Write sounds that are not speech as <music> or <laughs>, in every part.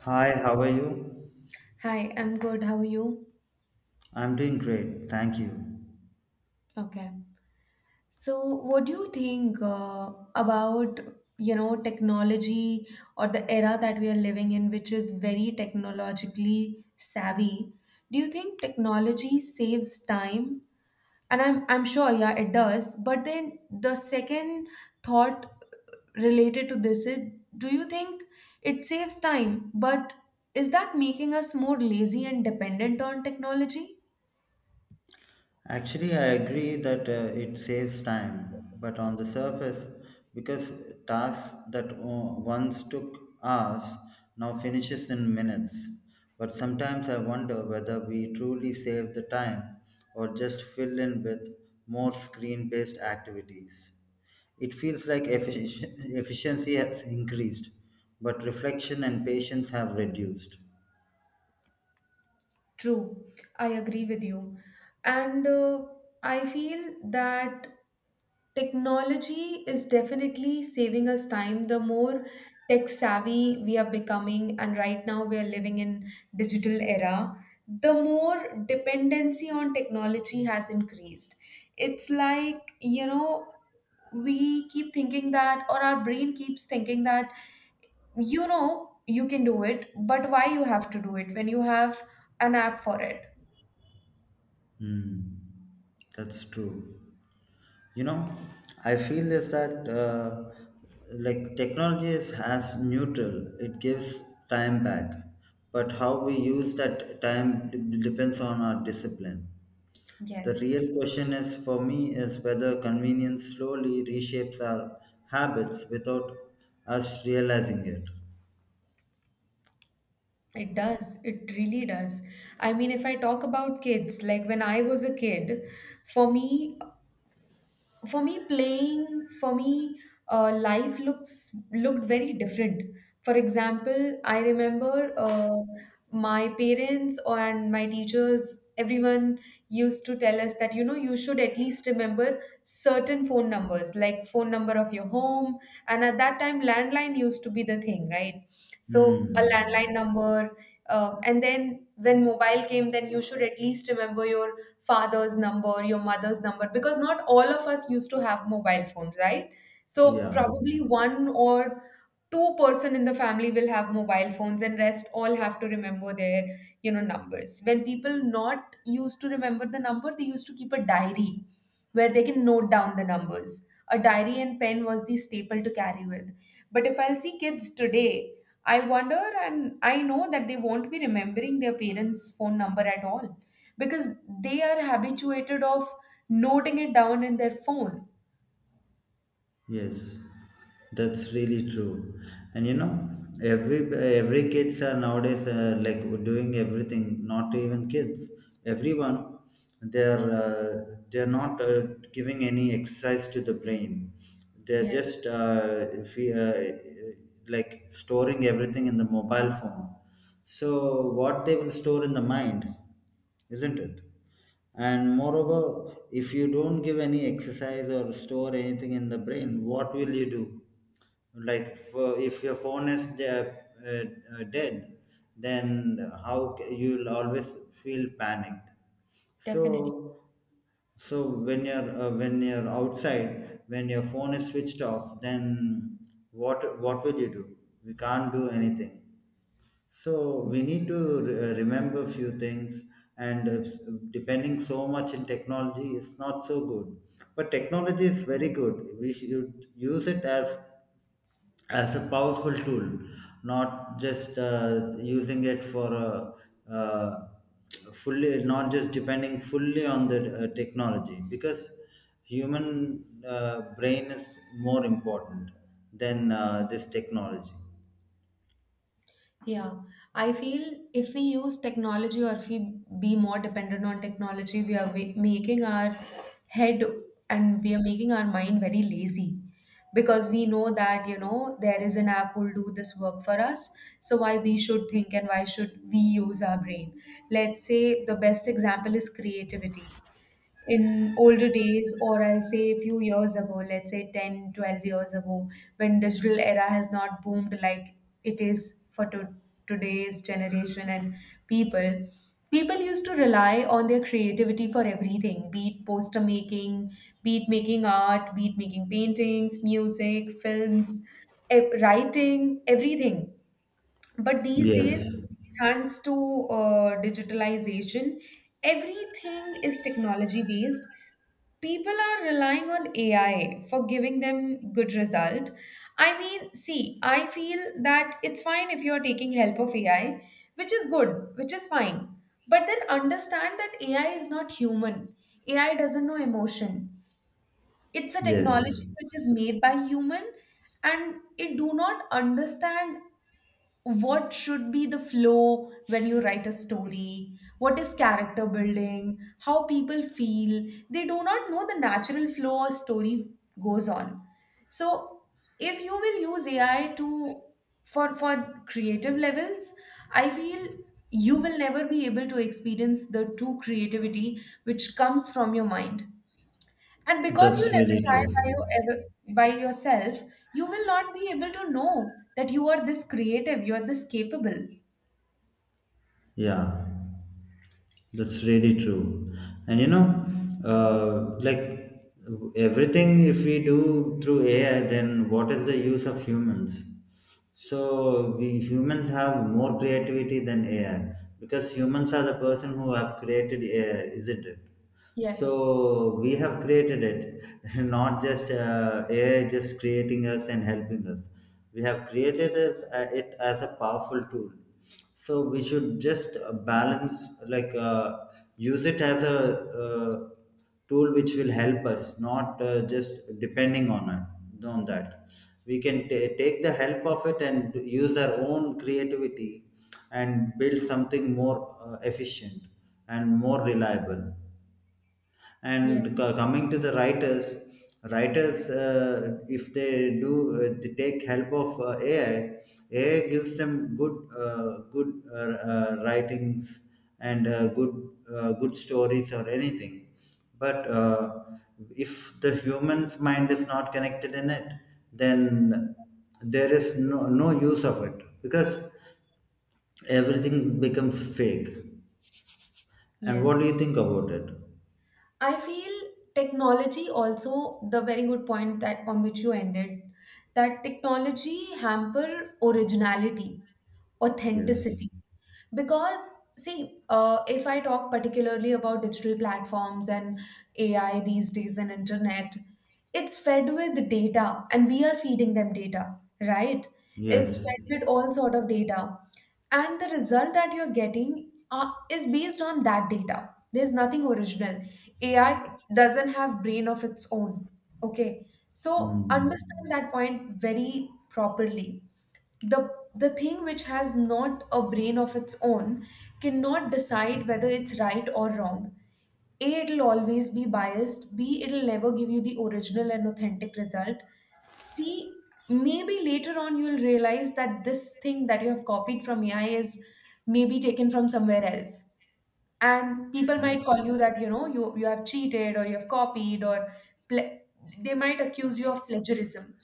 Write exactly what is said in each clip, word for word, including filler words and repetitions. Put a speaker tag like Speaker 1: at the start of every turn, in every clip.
Speaker 1: Hi, how are you?
Speaker 2: Hi, I'm good. How are you?
Speaker 1: I'm doing great, thank you.
Speaker 2: Okay. So, what do you think uh, about, you know, technology or the era that we are living in, which is very technologically savvy? Do you think technology saves time? And I'm I'm sure, yeah, it does. But then the second thought related to this is, do you think it saves time? But is that making us more lazy and dependent on technology?
Speaker 1: Actually, I agree that uh, it saves time, but on the surface, because tasks that o- once took hours now finishes in minutes. But sometimes I wonder whether we truly save the time or just fill in with more screen-based activities. It feels like effici- efficiency has increased, but reflection and patience have reduced.
Speaker 2: True, I agree with you. And uh, I feel that technology is definitely saving us time. The more tech savvy we are becoming, and right now we are living in digital era, the more dependency on technology has increased. It's like, you know, we keep thinking that, or our brain keeps thinking that you know you can do it, but why you have to do it when you have an app for it?
Speaker 1: Hmm, that's true. You know, I feel is that uh, like technology is as neutral. It gives time back, but how we use that time d- depends on our discipline. The
Speaker 2: Yes,
Speaker 1: real question is for me is whether convenience slowly reshapes our habits without us realizing it.
Speaker 2: it does. It really does. I mean, if I talk about kids, like when I was a kid, for me, for me playing for me uh, life looks looked very different. For example, i remember uh, my parents and my teachers, everyone used to tell us that you know you should at least remember certain phone numbers, like phone number of your home. And at that time, landline used to be the thing, right? So, a landline
Speaker 1: Hmm.
Speaker 2: number. Uh, and then when mobile came, then you should at least remember your father's number, your mother's number, because not all of us used to have mobile phones, right? So
Speaker 1: Yeah.
Speaker 2: probably one or two person in the family will have mobile phones, and rest all have to remember their, you know, numbers. When people not used to remember the number, they used to keep a diary where they can note down the numbers. A diary and pen was the staple to carry with. But if I'll see kids today, I wonder and I know that they won't be remembering their parents' phone number at all because they are habituated of noting it down in their phone.
Speaker 1: Yes, that's really true. And you know, every every kids are nowadays uh, like doing everything. Not even kids, everyone. They're uh, they're not uh, giving any exercise to the brain. They're
Speaker 2: Yes,
Speaker 1: just uh, if we, uh, like storing everything in the mobile phone. So what they will store in the mind, isn't it? And moreover, if you don't give any exercise or store anything in the brain, what will you do? Like, for, if your phone is de- uh, uh, dead, then how c- you'll always feel panicked.
Speaker 2: definitely.
Speaker 1: So, so when you're uh, when you're outside, when your phone is switched off, then what what will you do? We can't do anything. So we need to re- uh, remember few things, and uh, depending so much in technology is not so good. But technology is very good. We should use it as as a powerful tool, not just uh, using it for uh, uh, fully, not just depending fully on the uh, technology, because human uh, brain is more important than uh, this technology.
Speaker 2: Yeah, I feel if we use technology or if we be more dependent on technology, we are wa- making our head, and we are making our mind very lazy because we know that, you know, there is an app who'll do this work for us. So why we should think and why should we use our brain? Let's say the best example is creativity. In older days, or i'll say a few years ago, let's say ten, twelve years ago, when digital era has not boomed like it is for to- today's generation, and people people used to rely on their creativity for everything. Be it poster making, be it making art, be it making paintings, music, films, e- writing, everything. But these days,
Speaker 1: Yes.
Speaker 2: thanks to uh, digitalization, everything is technology based. People are relying on A I for giving them good result. I mean, see, I feel that it's fine if you're taking help of A I, which is good, which is fine. But then understand that A I is not human. A I doesn't know emotion. It's a
Speaker 1: Yes.
Speaker 2: technology which is made by human, and it do not understand what should be the flow when you write a story, what is character building, how people feel. They do not know the natural flow a story goes on. So, if you will use ai to for for creative levels, i feel you will never be able to experience the true creativity which comes from your mind. And because you
Speaker 1: That's
Speaker 2: never
Speaker 1: really
Speaker 2: try
Speaker 1: true.
Speaker 2: by you ever by yourself, you will not be able to know that you are this creative, you are this capable.
Speaker 1: Yeah, that's really true. And you know, uh, like everything, if we do through A I, then what is the use of humans? So we humans have more creativity than A I, because humans are the person who have created A I, isn't it?
Speaker 2: Yes,
Speaker 1: So we have created it <laughs> not just uh, AI just creating us and helping us. We have created us, uh, it as a powerful tool. So we should just uh, balance like uh, use it as a uh, tool which will help us, not uh, just depending on it. On that, we can ta take the help of it and use our own creativity, and build something more uh, efficient and more reliable. And
Speaker 2: yes,
Speaker 1: co- coming to the writers, writers uh, if they do uh, they take help of uh, AI, AI gives them good uh, good uh, uh, writings, and uh, good uh, good stories or anything. But uh, if the human's mind is not connected in it, then there is no, no use of it, because everything becomes fake. And what do
Speaker 2: yes.
Speaker 1: you think about it?
Speaker 2: I feel technology, also the very good point that on which you ended, that technology hamper originality,
Speaker 1: Yes.
Speaker 2: authenticity. Because, see, uh, if i talk particularly about digital platforms and ai these days and internet, it's fed with data and we are feeding them data, right? It's
Speaker 1: Yes.
Speaker 2: fed with all sort of data, and the result that you're getting uh, is based on that data. There's nothing original. Ai doesn't have brain of its own. Okay? So, understand
Speaker 1: Mm,
Speaker 2: that point very properly. The the thing which has not a brain of its own cannot decide whether it's right or wrong. A, it'll always be biased. B, it'll never give you the original and authentic result. C, maybe later on you'll realize that this thing that you have copied from ai is maybe taken from somewhere else, and people might
Speaker 1: yes,
Speaker 2: call you that you know you you have cheated or you have copied, or ple- they might accuse you of plagiarism.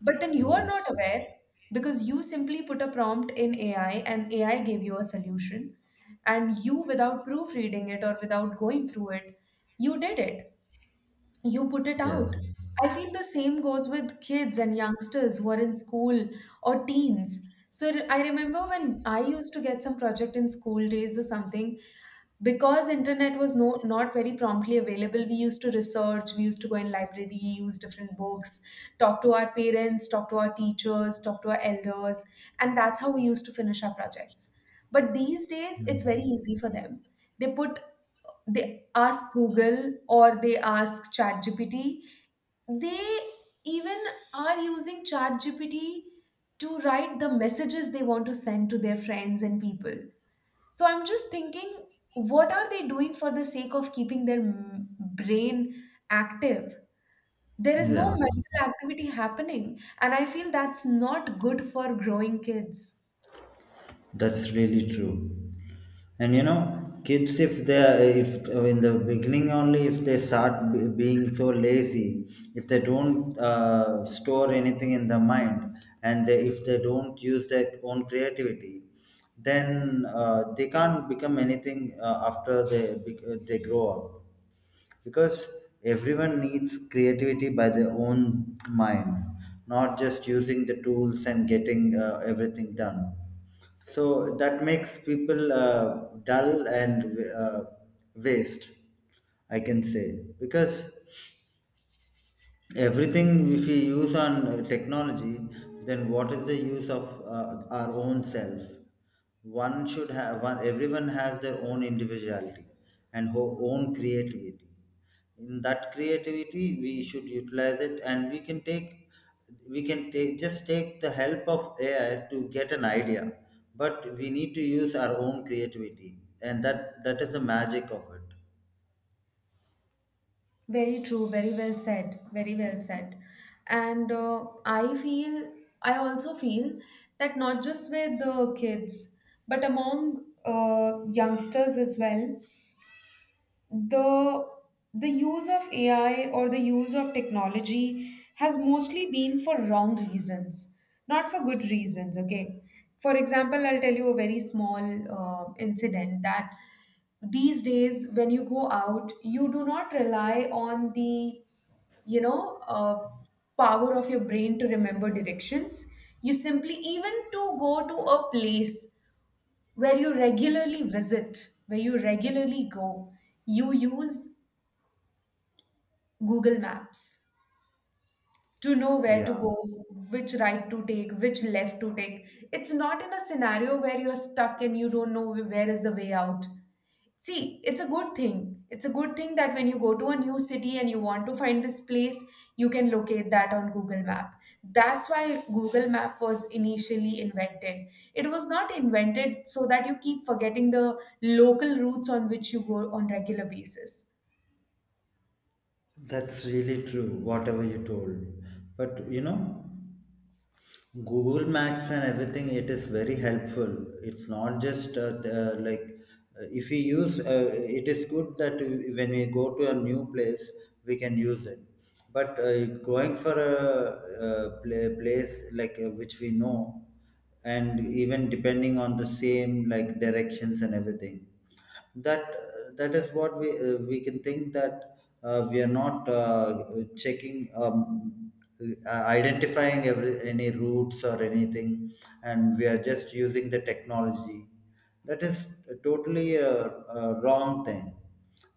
Speaker 2: But then you are not
Speaker 1: yes,
Speaker 2: aware, because you simply put a prompt in A I and A I gave you a solution. And you, without proofreading it or without going through it, you did it. You put it
Speaker 1: yes,
Speaker 2: out. I feel the same goes with kids and youngsters who are in school or teens. So, re- I remember when I used to get some project in school days or something, because internet was no not very promptly available, we used to research, we used to go in library, use different books, talk to our parents, talk to our teachers, talk to our elders, and that's how we used to finish our projects. But these days it's very easy for them. they put they ask Google or they ask ChatGPT. They even are using ChatGPT to write the messages they want to send to their friends and people. So I'm just thinking, what are they doing for the sake of keeping their m- brain active? There is no
Speaker 1: yeah,
Speaker 2: mental activity happening, and I feel that's not good for growing kids.
Speaker 1: that's really true. And you know, kids, if they are- if uh, in the beginning only, if they start b- being so lazy, if they don't uh, store anything in the mind, and they, if they don't use their own creativity, then uh, they can't become anything uh, after they bec- uh, they grow up, because everyone needs creativity by their own mind, not just using the tools and getting uh, everything done. So that makes people uh, dull and uh, waste, I can say, because everything if we use on uh, technology, then what is the use of uh, our own self? One should have one, everyone has their own individuality and ho- own creativity. In that creativity we should utilize it, and we can take we can take just take the help of AI to get an idea, but we need to use our own creativity, and that that is the magic of it.
Speaker 2: Very true, very well said, very well said. And uh, I feel, I also feel that not just with the kids, but among uh, youngsters as well, the the use of A I or the use of technology has mostly been for wrong reasons, not for good reasons. Okay, for example, I'll tell you a very small uh, incident that these days when you go out, you do not rely on the you know uh, power of your brain to remember directions. You simply, even to go to a place where you regularly visit, where you regularly go, you use Google Maps to know where
Speaker 1: Yeah,
Speaker 2: to go, which right to take, which left to take. It's not in a scenario where you're stuck and you don't know where is the way out. See, it's a good thing. It's a good thing that when you go to a new city and you want to find this place, you can locate that on Google Map. That's why Google Map was initially invented. It was not invented so that you keep forgetting the local routes on which you go on regular basis.
Speaker 1: that's really true, whatever you told. But you know, Google Maps and everything, it is very helpful. It's not just uh, th- uh, like uh, if we use uh, it is good that we- when we go to a new place, we can use it. But uh, going for a, uh pla- place like uh, which we know, and even depending on the same like directions and everything, that that is what we uh, we can think that uh, we are not uh, checking um, uh, identifying every any routes or anything, and we are just using the technology. That is totally a, a wrong thing.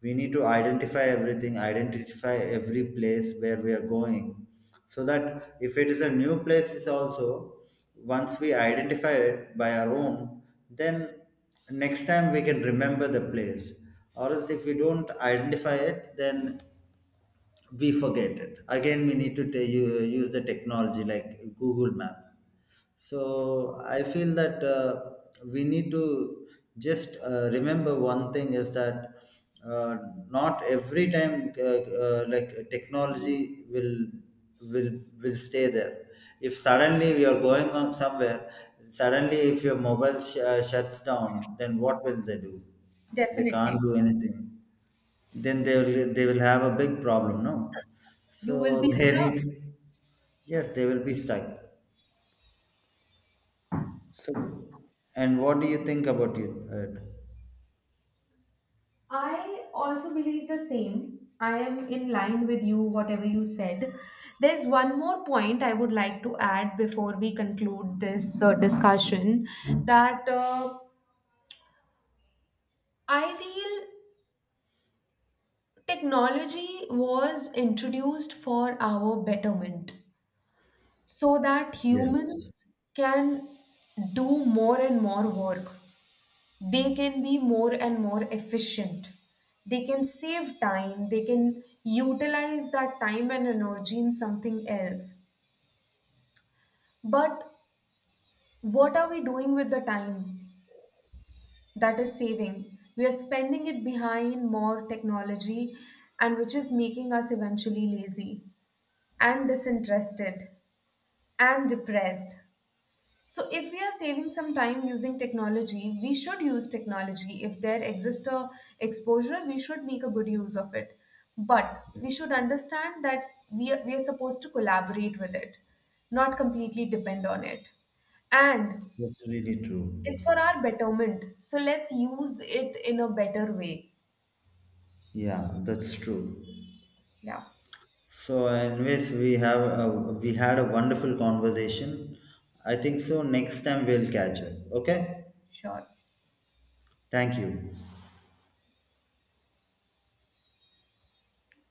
Speaker 1: We need to identify everything, identify every place where we are going, so that if it is a new place, is also, once we identify it by our own, then next time we can remember the place. Or else, if we don't identify it, then we forget it. Again, we need to ta- u- use the technology like Google Map. So I feel that uh, we need to just uh, remember one thing is that uh, not every time uh, uh, like technology will will will stay there. If suddenly we are going on somewhere, suddenly if your mobile sh- uh, shuts down, then what will they do? They can't
Speaker 2: Definitely.
Speaker 1: do anything. Then they will they will have a big problem, no?
Speaker 2: You will
Speaker 1: So
Speaker 2: be
Speaker 1: <laughs> they
Speaker 2: stuck.
Speaker 1: need. Yes, they will be stuck. So, and what do you think about it? Uh,
Speaker 2: I also believe the same. I am in line with you, whatever you said. There's one more point I would like to add before we conclude this uh, discussion, that uh, I feel technology was introduced for our betterment so that
Speaker 1: yes,
Speaker 2: humans can do more and more work. They can be more and more efficient. They can save time, they can utilize that time and energy in something else. But what are we doing with the time that is saving? We are spending it behind more technology, and which is making us eventually lazy and disinterested and depressed. So, if we are saving some time using technology, we should use technology. If there exists a exposure, we should make a good use of it. But we should understand that we are, we are supposed to collaborate with it, not completely depend on it. And
Speaker 1: that's really true.
Speaker 2: it's for our betterment. So, let's use it in a better way.
Speaker 1: Yeah, that's true.
Speaker 2: Yeah,
Speaker 1: So, anyways, we have a, we had a wonderful conversation. I think so. Next time we'll catch up. Okay.
Speaker 2: sure.
Speaker 1: Thank you.